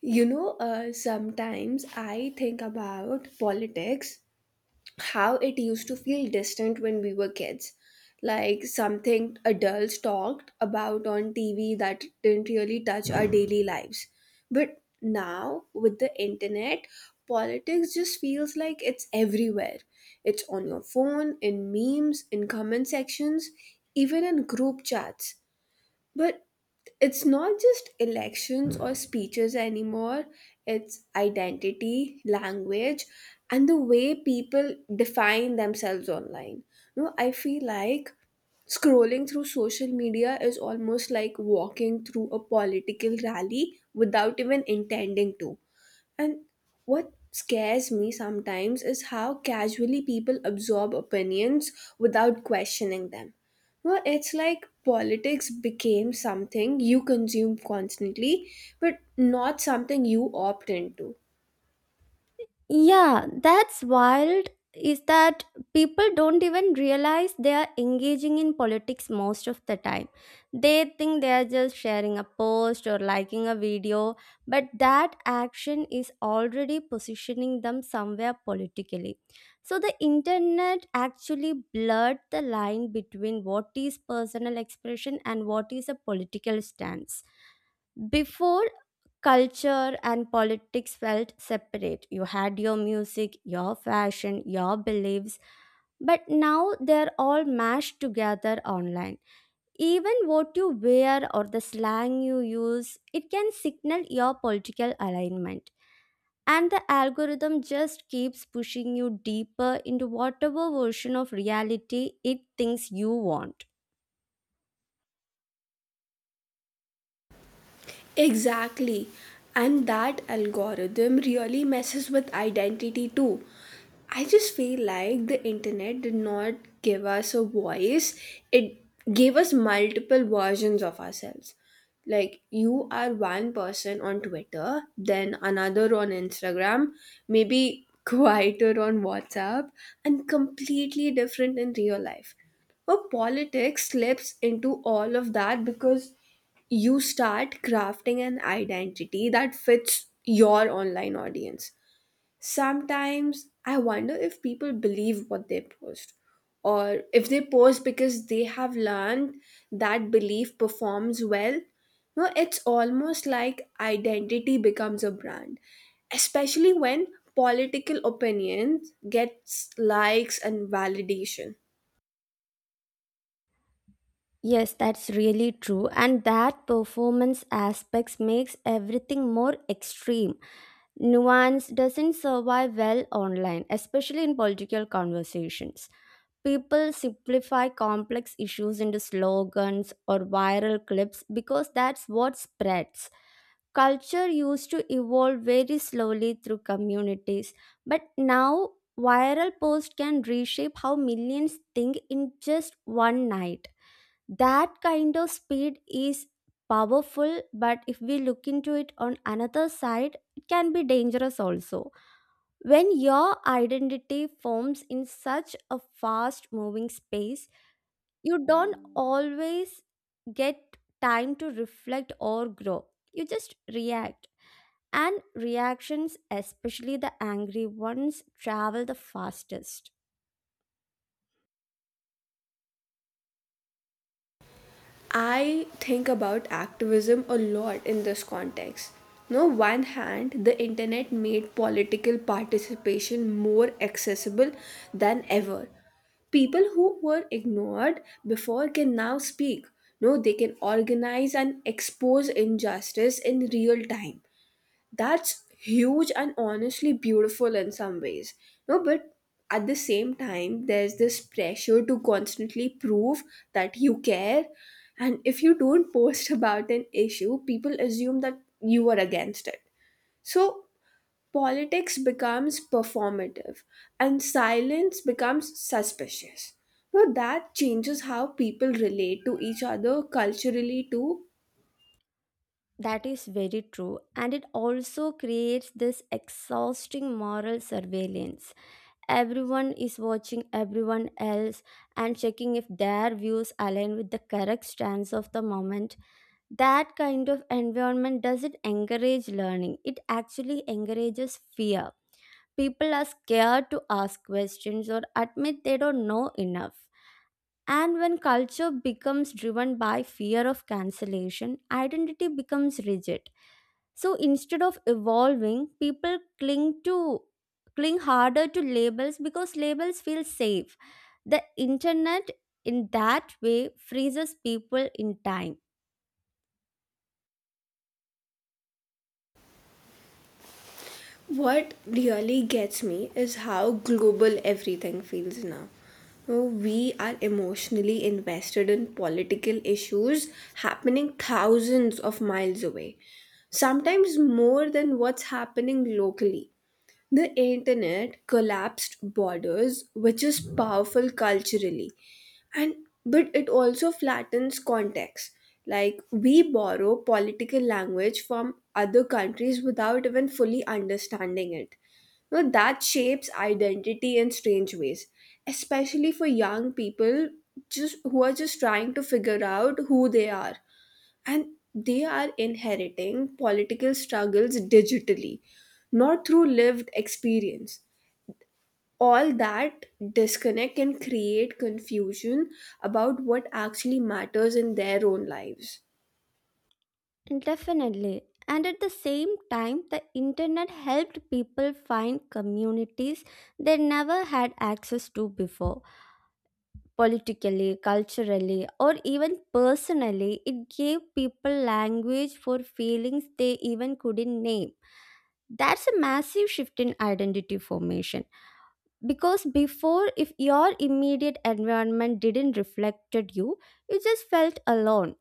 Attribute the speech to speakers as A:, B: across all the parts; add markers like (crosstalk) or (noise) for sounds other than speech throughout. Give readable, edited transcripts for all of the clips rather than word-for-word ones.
A: Sometimes I think about politics, how it used to feel distant when we were kids. Like something adults talked about on TV that didn't really touch our daily lives. But now, with the internet, politics just feels like it's everywhere. It's on your phone, in memes, in comment sections, even in group chats. But it's not just elections or speeches anymore, it's identity, language, and the way people define themselves online. No, I feel like scrolling through social media is almost like walking through a political rally without even intending to. And what scares me sometimes is how casually people absorb opinions without questioning them. Well, it's like politics became something you consume constantly, but not something you opt into.
B: Yeah, that's wild. Is that people don't even realize they are engaging in politics most of the time. They think they are just sharing a post or liking a video, but that action is already positioning them somewhere politically. So the internet actually blurred the line between what is personal expression and what is a political stance. Before, culture and politics felt separate. You had your music, your fashion, your beliefs, but now they're all mashed together online. Even what you wear or the slang you use, it can signal your political alignment. And the algorithm just keeps pushing you deeper into whatever version of reality it thinks you want.
A: Exactly. And that algorithm really messes with identity too. I just feel like the internet did not give us a voice, it gave us multiple versions of ourselves. Like, you are one person on Twitter, then another on Instagram, maybe (laughs) quieter on WhatsApp, and completely different in real life. But politics slips into all of that because you start crafting an identity that fits your online audience. Sometimes I wonder if people believe what they post or if they post because they have learned that belief performs well. No, it's almost like identity becomes a brand, especially when political opinions gets likes and validation.
B: Yes, that's really true. And that performance aspects makes everything more extreme. Nuance doesn't survive well online, especially in political conversations. People simplify complex issues into slogans or viral clips because that's what spreads. Culture used to evolve very slowly through communities, but now viral posts can reshape how millions think in just one night. That kind of speed is powerful, but if we look into it on another side, it can be dangerous also. When your identity forms in such a fast moving space, you don't always get time to reflect or grow, you just react. And reactions, especially the angry ones, travel the fastest.
A: I think about activism a lot in this context. No one hand, the internet made political participation more accessible than ever. People who were ignored before can now speak. No, they can organize and expose injustice in real time. That's huge and honestly beautiful in some ways. No, but at the same time there's this pressure to constantly prove that you care, and if you don't post (laughs) about an issue people assume that you are against it. So politics becomes performative and silence becomes suspicious, so that changes how people relate to each other culturally too.
B: That is very true, and it also creates this exhausting moral surveillance. Everyone is watching everyone else and checking if their views align with the correct stance of the moment. That kind of environment doesn't encourage learning, it actually encourages fear. People are scared to ask questions or admit they don't know enough. And when culture becomes driven by fear of cancellation, identity becomes rigid. So instead of evolving, people cling harder to labels because labels feel safe. The internet, in that way, freezes people in time.
A: What really gets me is how global everything feels now. Now, we are emotionally invested in political issues happening thousands of miles away, sometimes more than what's happening locally. The internet collapsed borders, which is powerful culturally, and but it also flattens context. Like we borrow political language from other countries without even fully understanding it. Now that shapes identity in strange ways, especially for young people just who are just trying to figure out who they are, and they are inheriting political struggles digitally, not through lived experience. All that disconnect can create confusion about what actually matters in their own lives.
B: Definitely. And at the same time, the internet helped people find communities they never had access to before. Politically, culturally, or even personally, it gave people language for feelings they even couldn't name. That's a massive shift in identity formation, because before, if your immediate environment didn't reflected you, you just felt alone.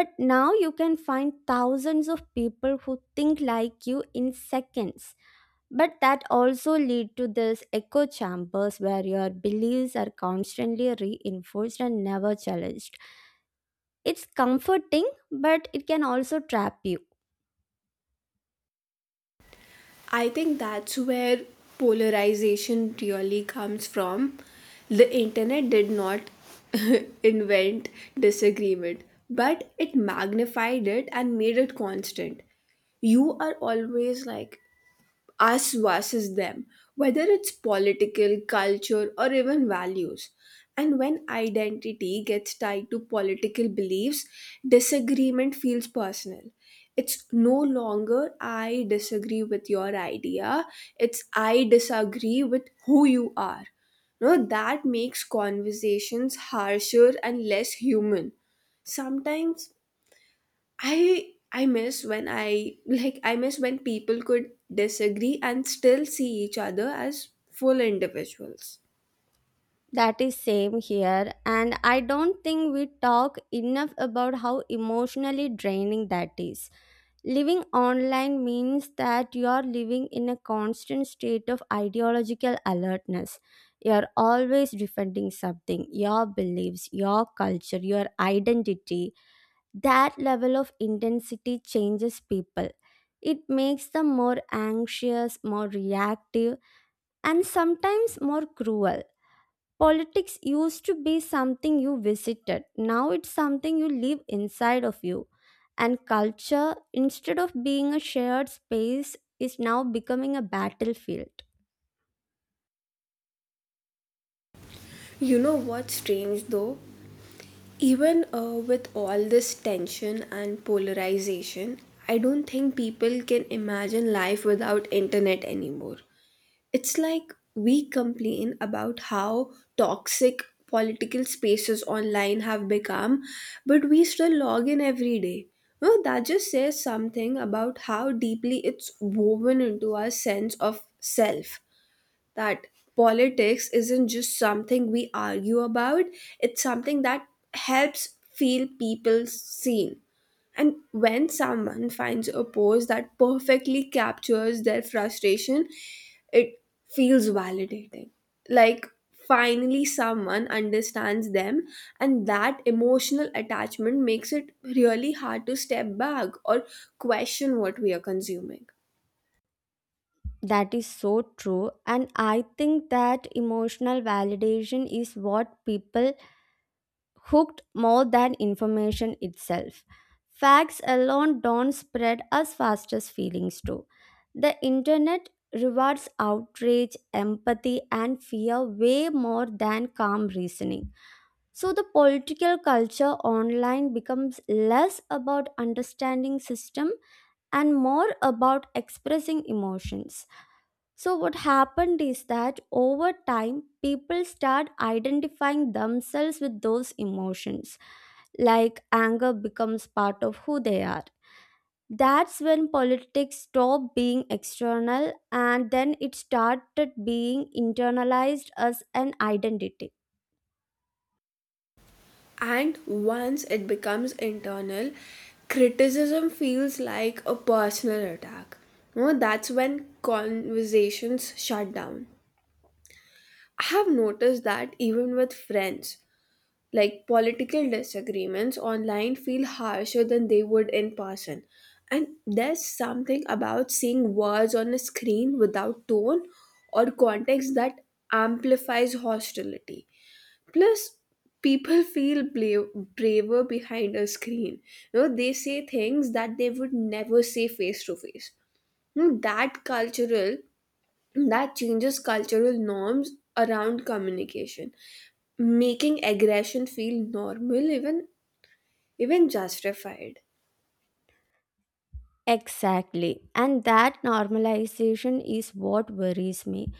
B: But now you can find thousands of people who think like you in seconds. But that also lead to this echo chambers where your beliefs are constantly reinforced and never challenged. It's comforting, but it can also trap you.
A: I think that's where polarization really comes from. The internet did not (laughs) invent disagreement, but it magnified it and made it constant. You are always like us versus them, whether it's political, culture, or even values. And when identity gets tied to political beliefs, disagreement feels personal. It's no longer I disagree with your idea, it's I disagree with who you are. No, that makes conversations harsher and less human. Sometimes I miss when people could disagree and still see each other as full individuals.
B: That is same here, and I don't think we talk enough about how emotionally draining that is. Living online means that you are living in a constant state of ideological alertness. You are always defending something, your beliefs, your culture, your identity. That level of intensity changes people. It makes them more anxious, more reactive, and sometimes more cruel. Politics used to be something you visited, now it's something you live inside of you. And culture, instead of being a shared space, is now becoming a battlefield.
A: You know what's strange though? Even with all this tension and polarization, I don't think people can imagine life without internet anymore. It's like we complain about how toxic political spaces online have become, but we still log in every day. No, that just says something about how deeply it's woven into our sense of self. That politics isn't just something we argue about, it's something that helps feel people seen. And when someone finds a post that perfectly captures their frustration, it feels validating. Like finally, someone understands them, and that emotional attachment makes it really hard to step back or question what we are consuming.
B: That is so true. And I think that emotional validation is what people hooked more than information itself. Facts alone don't spread as fast as feelings do. The internet rewards outrage, empathy, and fear way more than calm reasoning. So, the political culture online becomes less about understanding system and more about expressing emotions. So, what happened is that over time, people start identifying themselves with those emotions, like anger becomes part of who they are. That's when politics stopped being external and then it started being internalized as an identity.
A: And once it becomes internal, criticism feels like a personal attack. You know, that's when conversations shut down. I have noticed that even with friends, like political disagreements online feel harsher than they would in person. And there's something about seeing words on a screen without tone or context that amplifies hostility. Plus, people (laughs) feel braver behind a screen. You know, they say things that they would never say face to face. You know, that cultural, that changes cultural norms around communication, making aggression feel normal, even even justified.
B: Exactly. And that normalization is what worries me,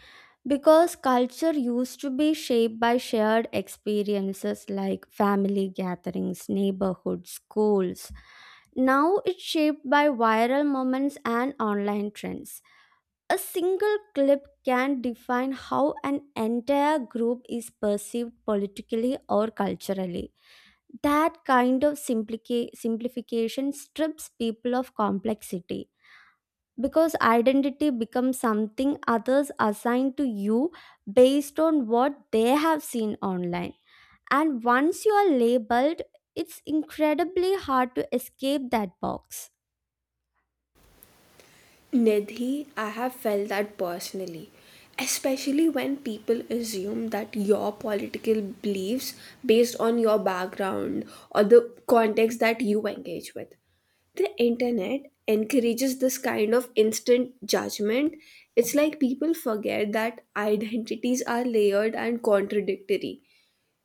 B: because culture used to be shaped by shared experiences like family gatherings, neighborhoods, schools. Now it's shaped by viral moments and online trends. A single clip can define how an entire group is perceived politically or culturally. That kind of simplification strips people of complexity because identity becomes something others assign to you based on what they have seen online. And once you are labeled, it's incredibly hard to escape that box.
A: Nidhi, I have felt that personally, especially when people assume that your political beliefs based on your background or the context that you engage with. The internet encourages this kind of instant judgment. It's like people forget that identities are layered and contradictory.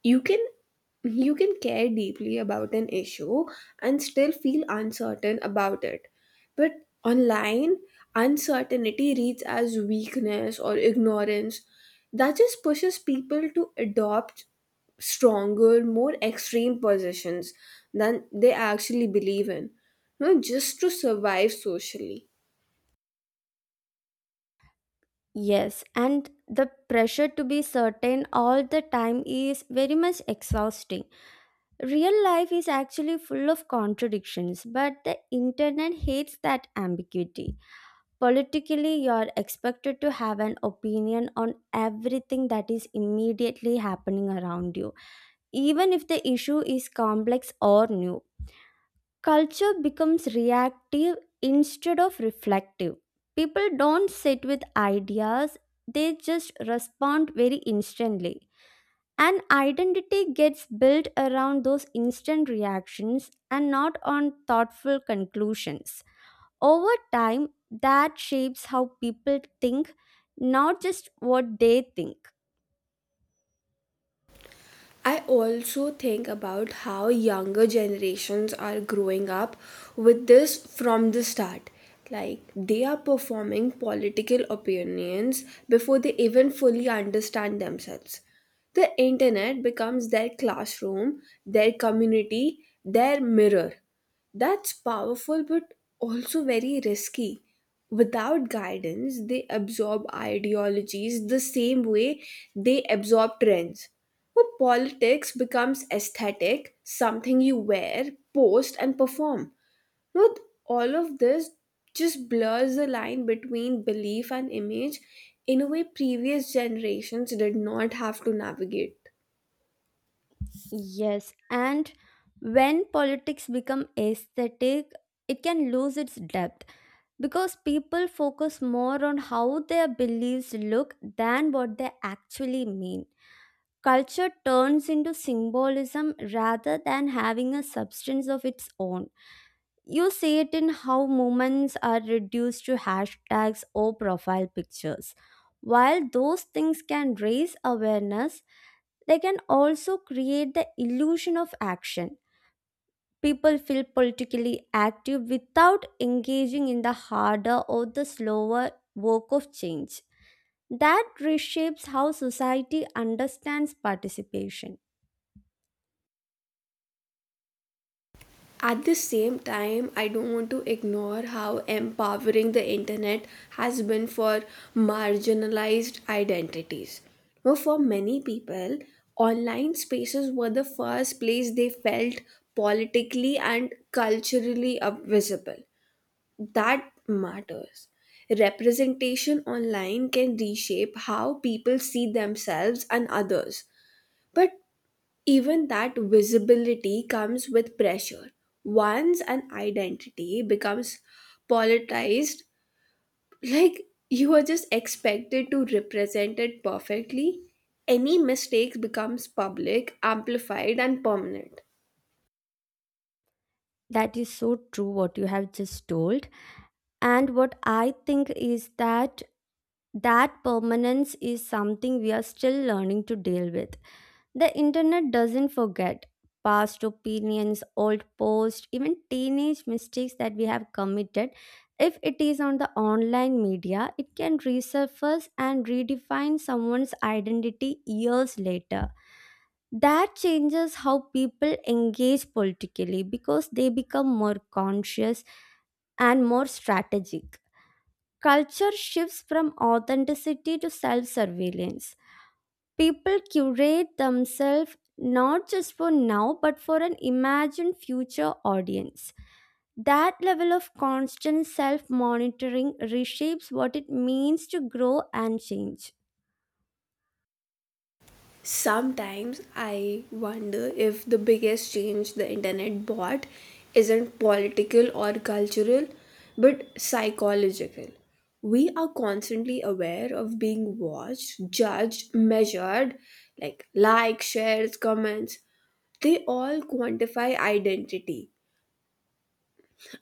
A: You can you can care deeply about an issue and still feel uncertain about it, but online uncertainty reads as weakness or ignorance. That just pushes people to adopt stronger, more extreme positions than they actually believe in. No, just to survive socially.
B: Yes, and the pressure to be certain all the time is very much exhausting. Real life is actually full of contradictions, but the internet hates that ambiguity. Politically, you're expected to have an opinion on everything that is immediately happening around you, even if the issue is complex or new. Culture becomes reactive instead of reflective. People don't sit with ideas, they just respond very instantly. And identity gets built around those instant reactions and not on thoughtful conclusions. Over time, that shapes how people think, not just what they think.
A: I also think about how younger generations are growing up with this from the start. Like they are performing political opinions before they even fully understand themselves. The internet becomes their classroom, their community, their mirror. That's powerful but also very risky. Without guidance, they absorb ideologies the same way they absorb trends, where politics becomes aesthetic, something you wear, post, and perform. With all of this just blurs the line between belief and image in a way previous generations did not have to navigate.
B: Yes, and when politics become aesthetic, it can lose its depth, because people focus more on how their beliefs look than what they actually mean. Culture turns into symbolism rather than having a substance of its own. You see it in how movements are reduced to hashtags or profile pictures. While those things can raise awareness, they can also create the illusion of action. People feel politically active without engaging in the harder or the slower work of change. That reshapes how society understands participation.
A: At the same time, I don't want to ignore how empowering the internet has been for marginalized identities. Now, for many people, online spaces were the first place they felt politically and culturally visible. That matters. Representation online can reshape how people see themselves and others. But even that visibility comes with pressure. Once an identity becomes politicized, like you are just expected to represent it perfectly, any mistakes becomes public, amplified, and permanent.
B: That is so true, what you have just told. And what I think is that that permanence is something we are still learning to deal with. The internet doesn't forget past opinions, old posts, even teenage mistakes that we have committed. If it is on the online media, it can resurface and redefine someone's identity years later. That changes how people engage politically because they become more conscious and more strategic. Culture shifts from authenticity to self surveillance. People curate themselves not just for now but for an imagined future audience. That level of constant self monitoring reshapes what it means to grow and change.
A: Sometimes I wonder if the biggest change the internet brought isn't political or cultural, but psychological. We are constantly aware of being watched, judged, measured, like likes, shares, comments. They all quantify identity.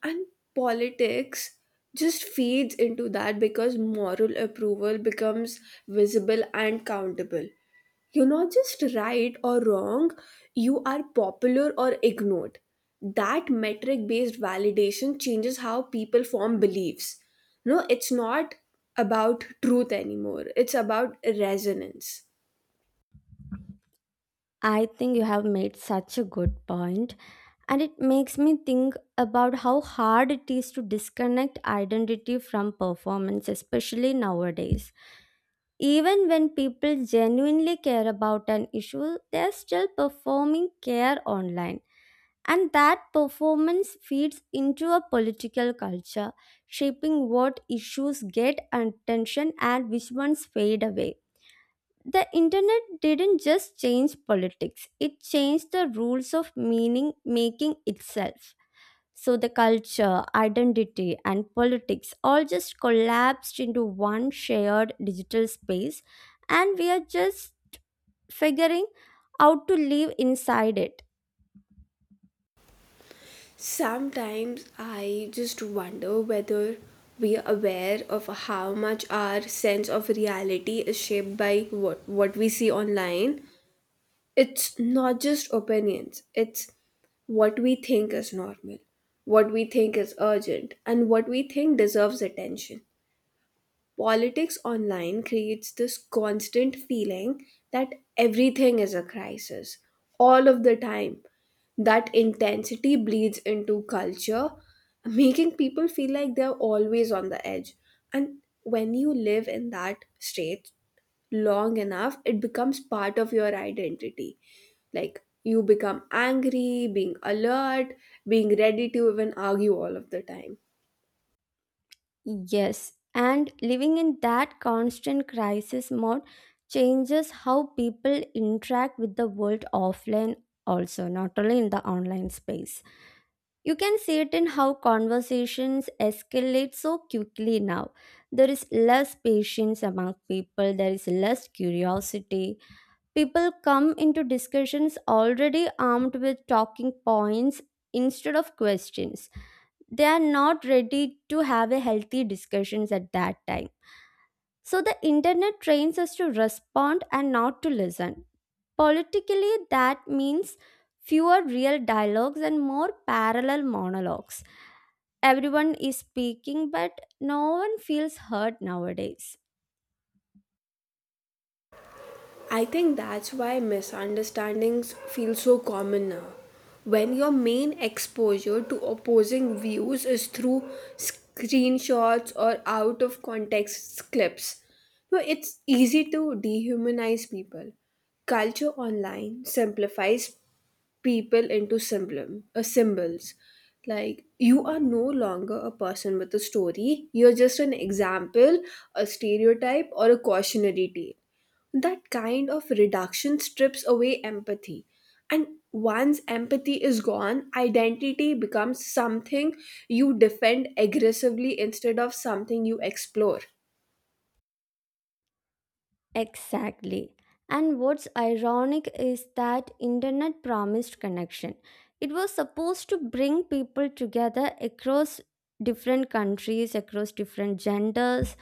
A: And politics just feeds into that because moral approval becomes visible and countable. You're not just right or wrong, you are popular or ignored. That metric based validation changes how people form beliefs. No, it's not about truth anymore, it's about resonance.
B: I think you have made such a good point, and it makes me think about how hard it is to disconnect identity from performance, especially nowadays. Even when people genuinely care about an issue, they are still performing care online. And that performance feeds into a political culture, shaping what issues get attention and which ones fade away. The internet didn't just change politics, it changed the rules of meaning making itself. So the culture, identity, and politics all just collapsed into one shared digital space, and we are just figuring out to live inside it.
A: Sometimes I just wonder whether we are aware of how much our sense of reality is shaped by what we see online. It's not just opinions, it's what we think is normal, what we think is urgent, and what we think deserves attention. Politics online creates this constant feeling that everything is a crisis all of the time. That intensity bleeds into culture, making people feel like they're always on the edge, and when you live in that state long enough, it becomes part of your identity. Like you become angry, being alert, being ready to even argue all of the time.
B: Yes, and living in that constant crisis mode changes how people interact with the world offline, also, not only in the online space. You can see it in how conversations escalate so quickly now. There is less patience among people, there is less curiosity. People come into discussions already armed with talking points instead of questions. They are not ready to have a healthy discussions at that time. So the internet trains us to respond and not to listen. Politically that means fewer real dialogues and more parallel monologues. Everyone is speaking, but no one feels heard nowadays.
A: I think that's why misunderstandings feel so common now. When your main exposure to opposing views is through screenshots or out of context clips, so it's easy to dehumanize people. Culture online simplifies people into symbols. Like you are no longer a person with a story. You're just an example, a stereotype, or a cautionary tale. That kind of reduction strips away empathy. And once empathy is gone, identity becomes something you defend aggressively instead of something you explore.
B: Exactly. And what's ironic is that internet promised connection. It was supposed to bring people together across different countries, across different genders,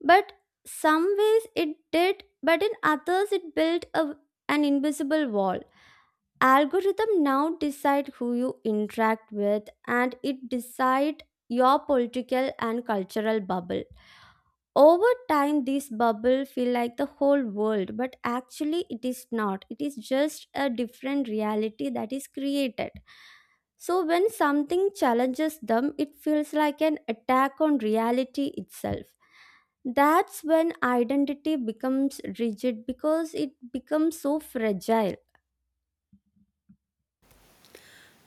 B: but some ways it did, but in others it an invisible wall. Algorithm now decide who you interact with, and it decide your political and cultural bubble. Over time this bubble feel like the whole world, but actually it is not, it is just a different reality that is created. So when something challenges them, it feels like an attack on reality itself. That's when identity becomes rigid because it becomes so fragile.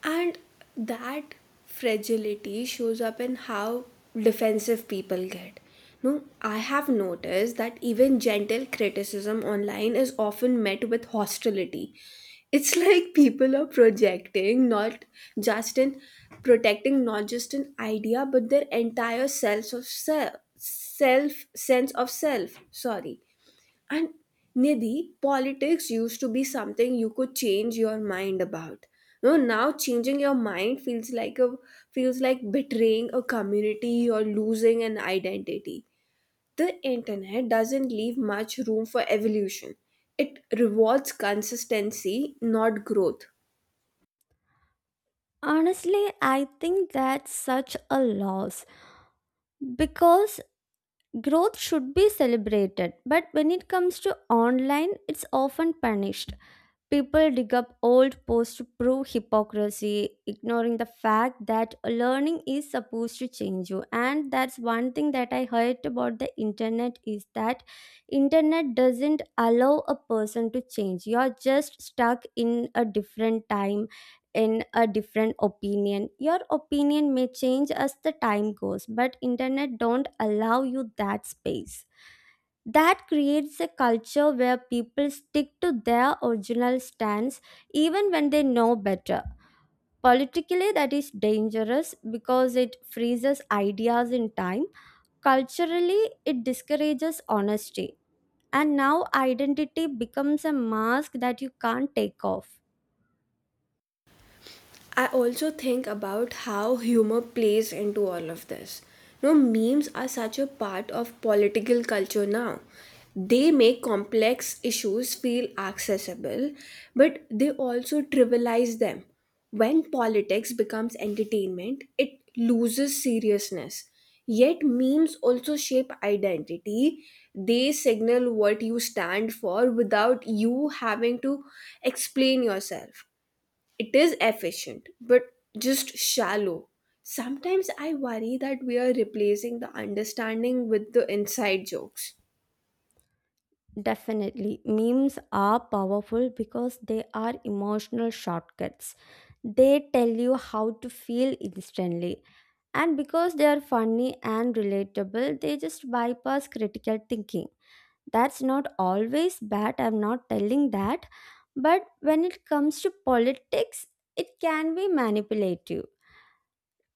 A: And that fragility shows up in how defensive people get. No, I have noticed that even gentle criticism online is often met with hostility. It's (laughs) like people are projecting not just in protecting not just an idea but their entire self of self self sense of self. Sorry. And Nidhi, politics used to be something you could change your mind about. No, now changing your mind feels like betraying a community or losing an identity. The internet doesn't leave much room for evolution. It rewards consistency, not growth.
B: Honestly, I think that's such a loss, because growth should be celebrated, but when it comes to online, it's often punished. People dig up old posts to prove hypocrisy, ignoring the fact that learning is supposed to change you. And that's one thing that I hate about the internet is that internet doesn't allow a person to change. You're just stuck in a different time, in a different opinion. Your opinion may change as the time goes, but internet don't allow you that space. That creates a culture where people stick to their original stance even when they know better. Politically, that is dangerous because it freezes ideas in time. Culturally, it discourages honesty. And now identity becomes a mask that you can't take off.
A: I also think about how humor plays into all of this. No, memes are such a part of political culture now. They make complex issues feel accessible, but they also trivialize them. When politics becomes entertainment, it loses seriousness. Yet, memes also shape identity. They signal what you stand for without you having to explain yourself. It is efficient, but just shallow. Sometimes I worry that we are replacing the understanding with the inside jokes.
B: Definitely. Memes are powerful because they are emotional shortcuts. They tell you how to feel instantly. And because they are funny and relatable, they just bypass critical thinking. That's not always bad, I'm not telling that. But when it comes to politics, it can be manipulative.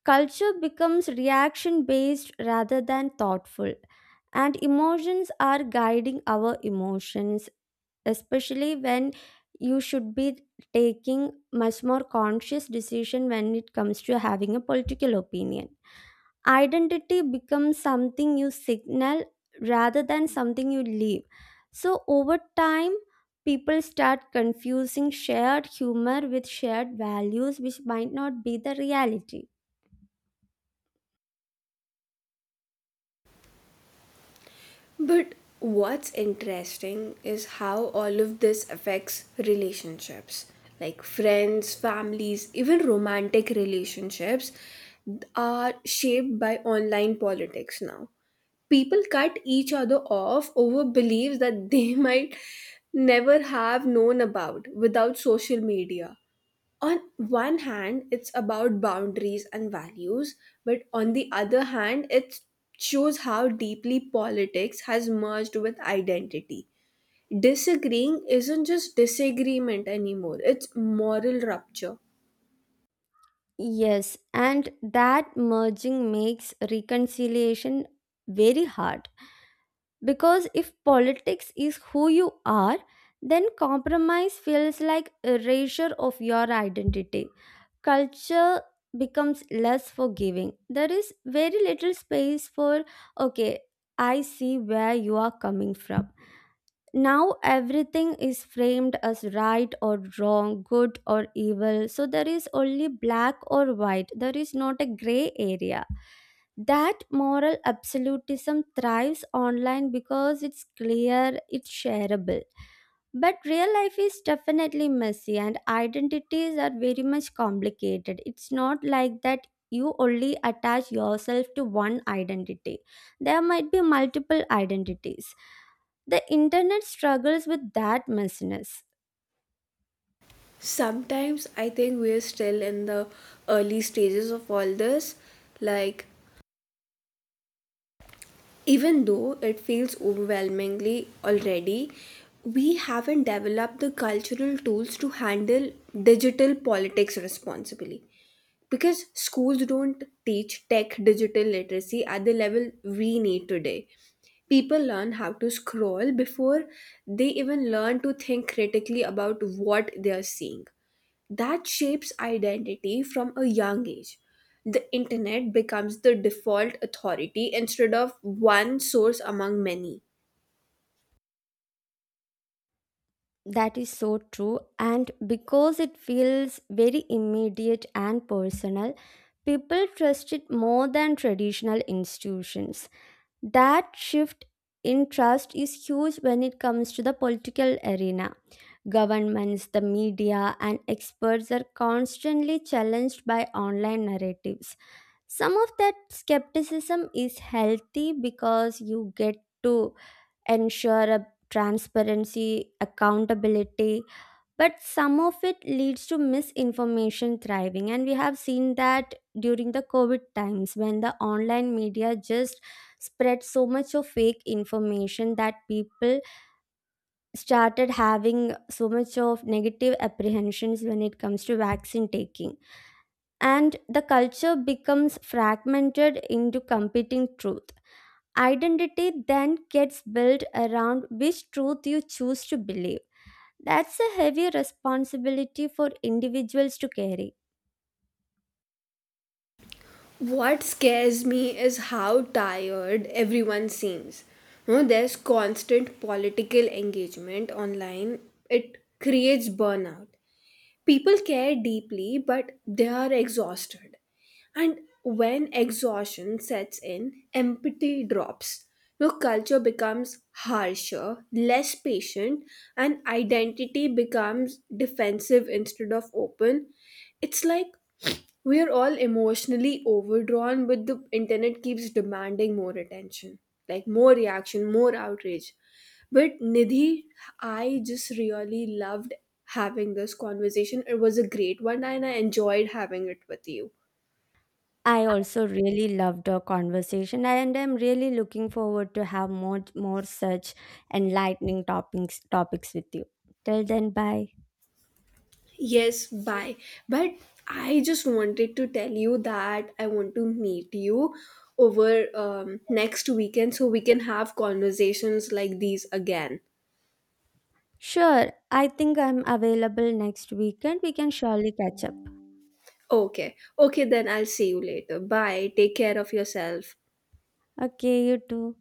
B: Culture becomes reaction based rather than thoughtful, and emotions are guiding our emotions, especially when you should be taking much more conscious decision when it comes to having a political opinion. Identity becomes something you signal rather than something you leave. So over time, people start confusing shared humor with shared values, which might not be the reality.
A: But what's interesting is how all of this affects relationships, like friends, families, even romantic relationships are shaped by online politics now. People cut each other off over beliefs that they (laughs) might never have known about without social media. On one hand, it's about boundaries and values, but on the other hand, it shows how deeply politics has merged with identity. Disagreeing isn't just disagreement anymore, it's moral rupture.
B: Yes, and that merging makes reconciliation very hard. Because if politics is who you are, then compromise feels like erasure of your identity. Culture becomes less forgiving. There is very little space for, okay, I see where you are coming from. Now everything is framed as right or wrong, good or evil, so there is only black or white, there is not a gray area. That moral absolutism thrives online because it's clear, it's shareable, but real life is definitely messy and identities are very much complicated. It's not like that you only attach yourself to one identity. There might be multiple identities. The internet struggles with that messiness.
A: Sometimes I think we're still in the early stages of all this. Like, even though it feels overwhelmingly already, we haven't developed the cultural tools to handle digital politics responsibly. Because schools don't teach tech digital literacy at the level we need today. People learn how to scroll before they even learn to think critically about what they are seeing. That shapes identity from a young age. The internet becomes the default authority instead of one source among many.
B: That is so true. And because it feels very immediate and personal, people trust it more than traditional institutions. That shift in trust is huge when it comes to the political arena. Governments, the media, and experts are constantly challenged by online narratives. Some of that skepticism is healthy because you get to ensure a transparency, accountability, but some of it leads to misinformation thriving, and we have seen that during the COVID times when the online media just spread so much of fake information that people started having so much of negative apprehensions when it comes to vaccine taking. And the culture becomes fragmented into competing truth. Identity then gets built around which truth you choose to believe. That's a heavy responsibility for individuals to carry.
A: What scares me is how tired everyone seems. You know, there's constant political engagement online, it creates burnout. People care deeply, but they are exhausted. And when exhaustion sets in, empathy drops. No, culture becomes harsher, less patient, and identity becomes defensive instead of open. It's like we are all emotionally overdrawn, but the internet keeps demanding more attention, like more reaction, more outrage. But Nidhi, I just really loved having this conversation. It was a great one and I enjoyed having it with you.
B: I also really loved our conversation, and I'm really looking forward to have more such enlightening topics with you. Till then, bye.
A: Yes, bye. But I just wanted to tell you that I want to meet you over next weekend so we can have conversations like these again.
B: Sure, I think I'm available next weekend. We can surely catch up.
A: Okay. Okay, then I'll see you later. Bye. Take care of yourself.
B: Okay, you too.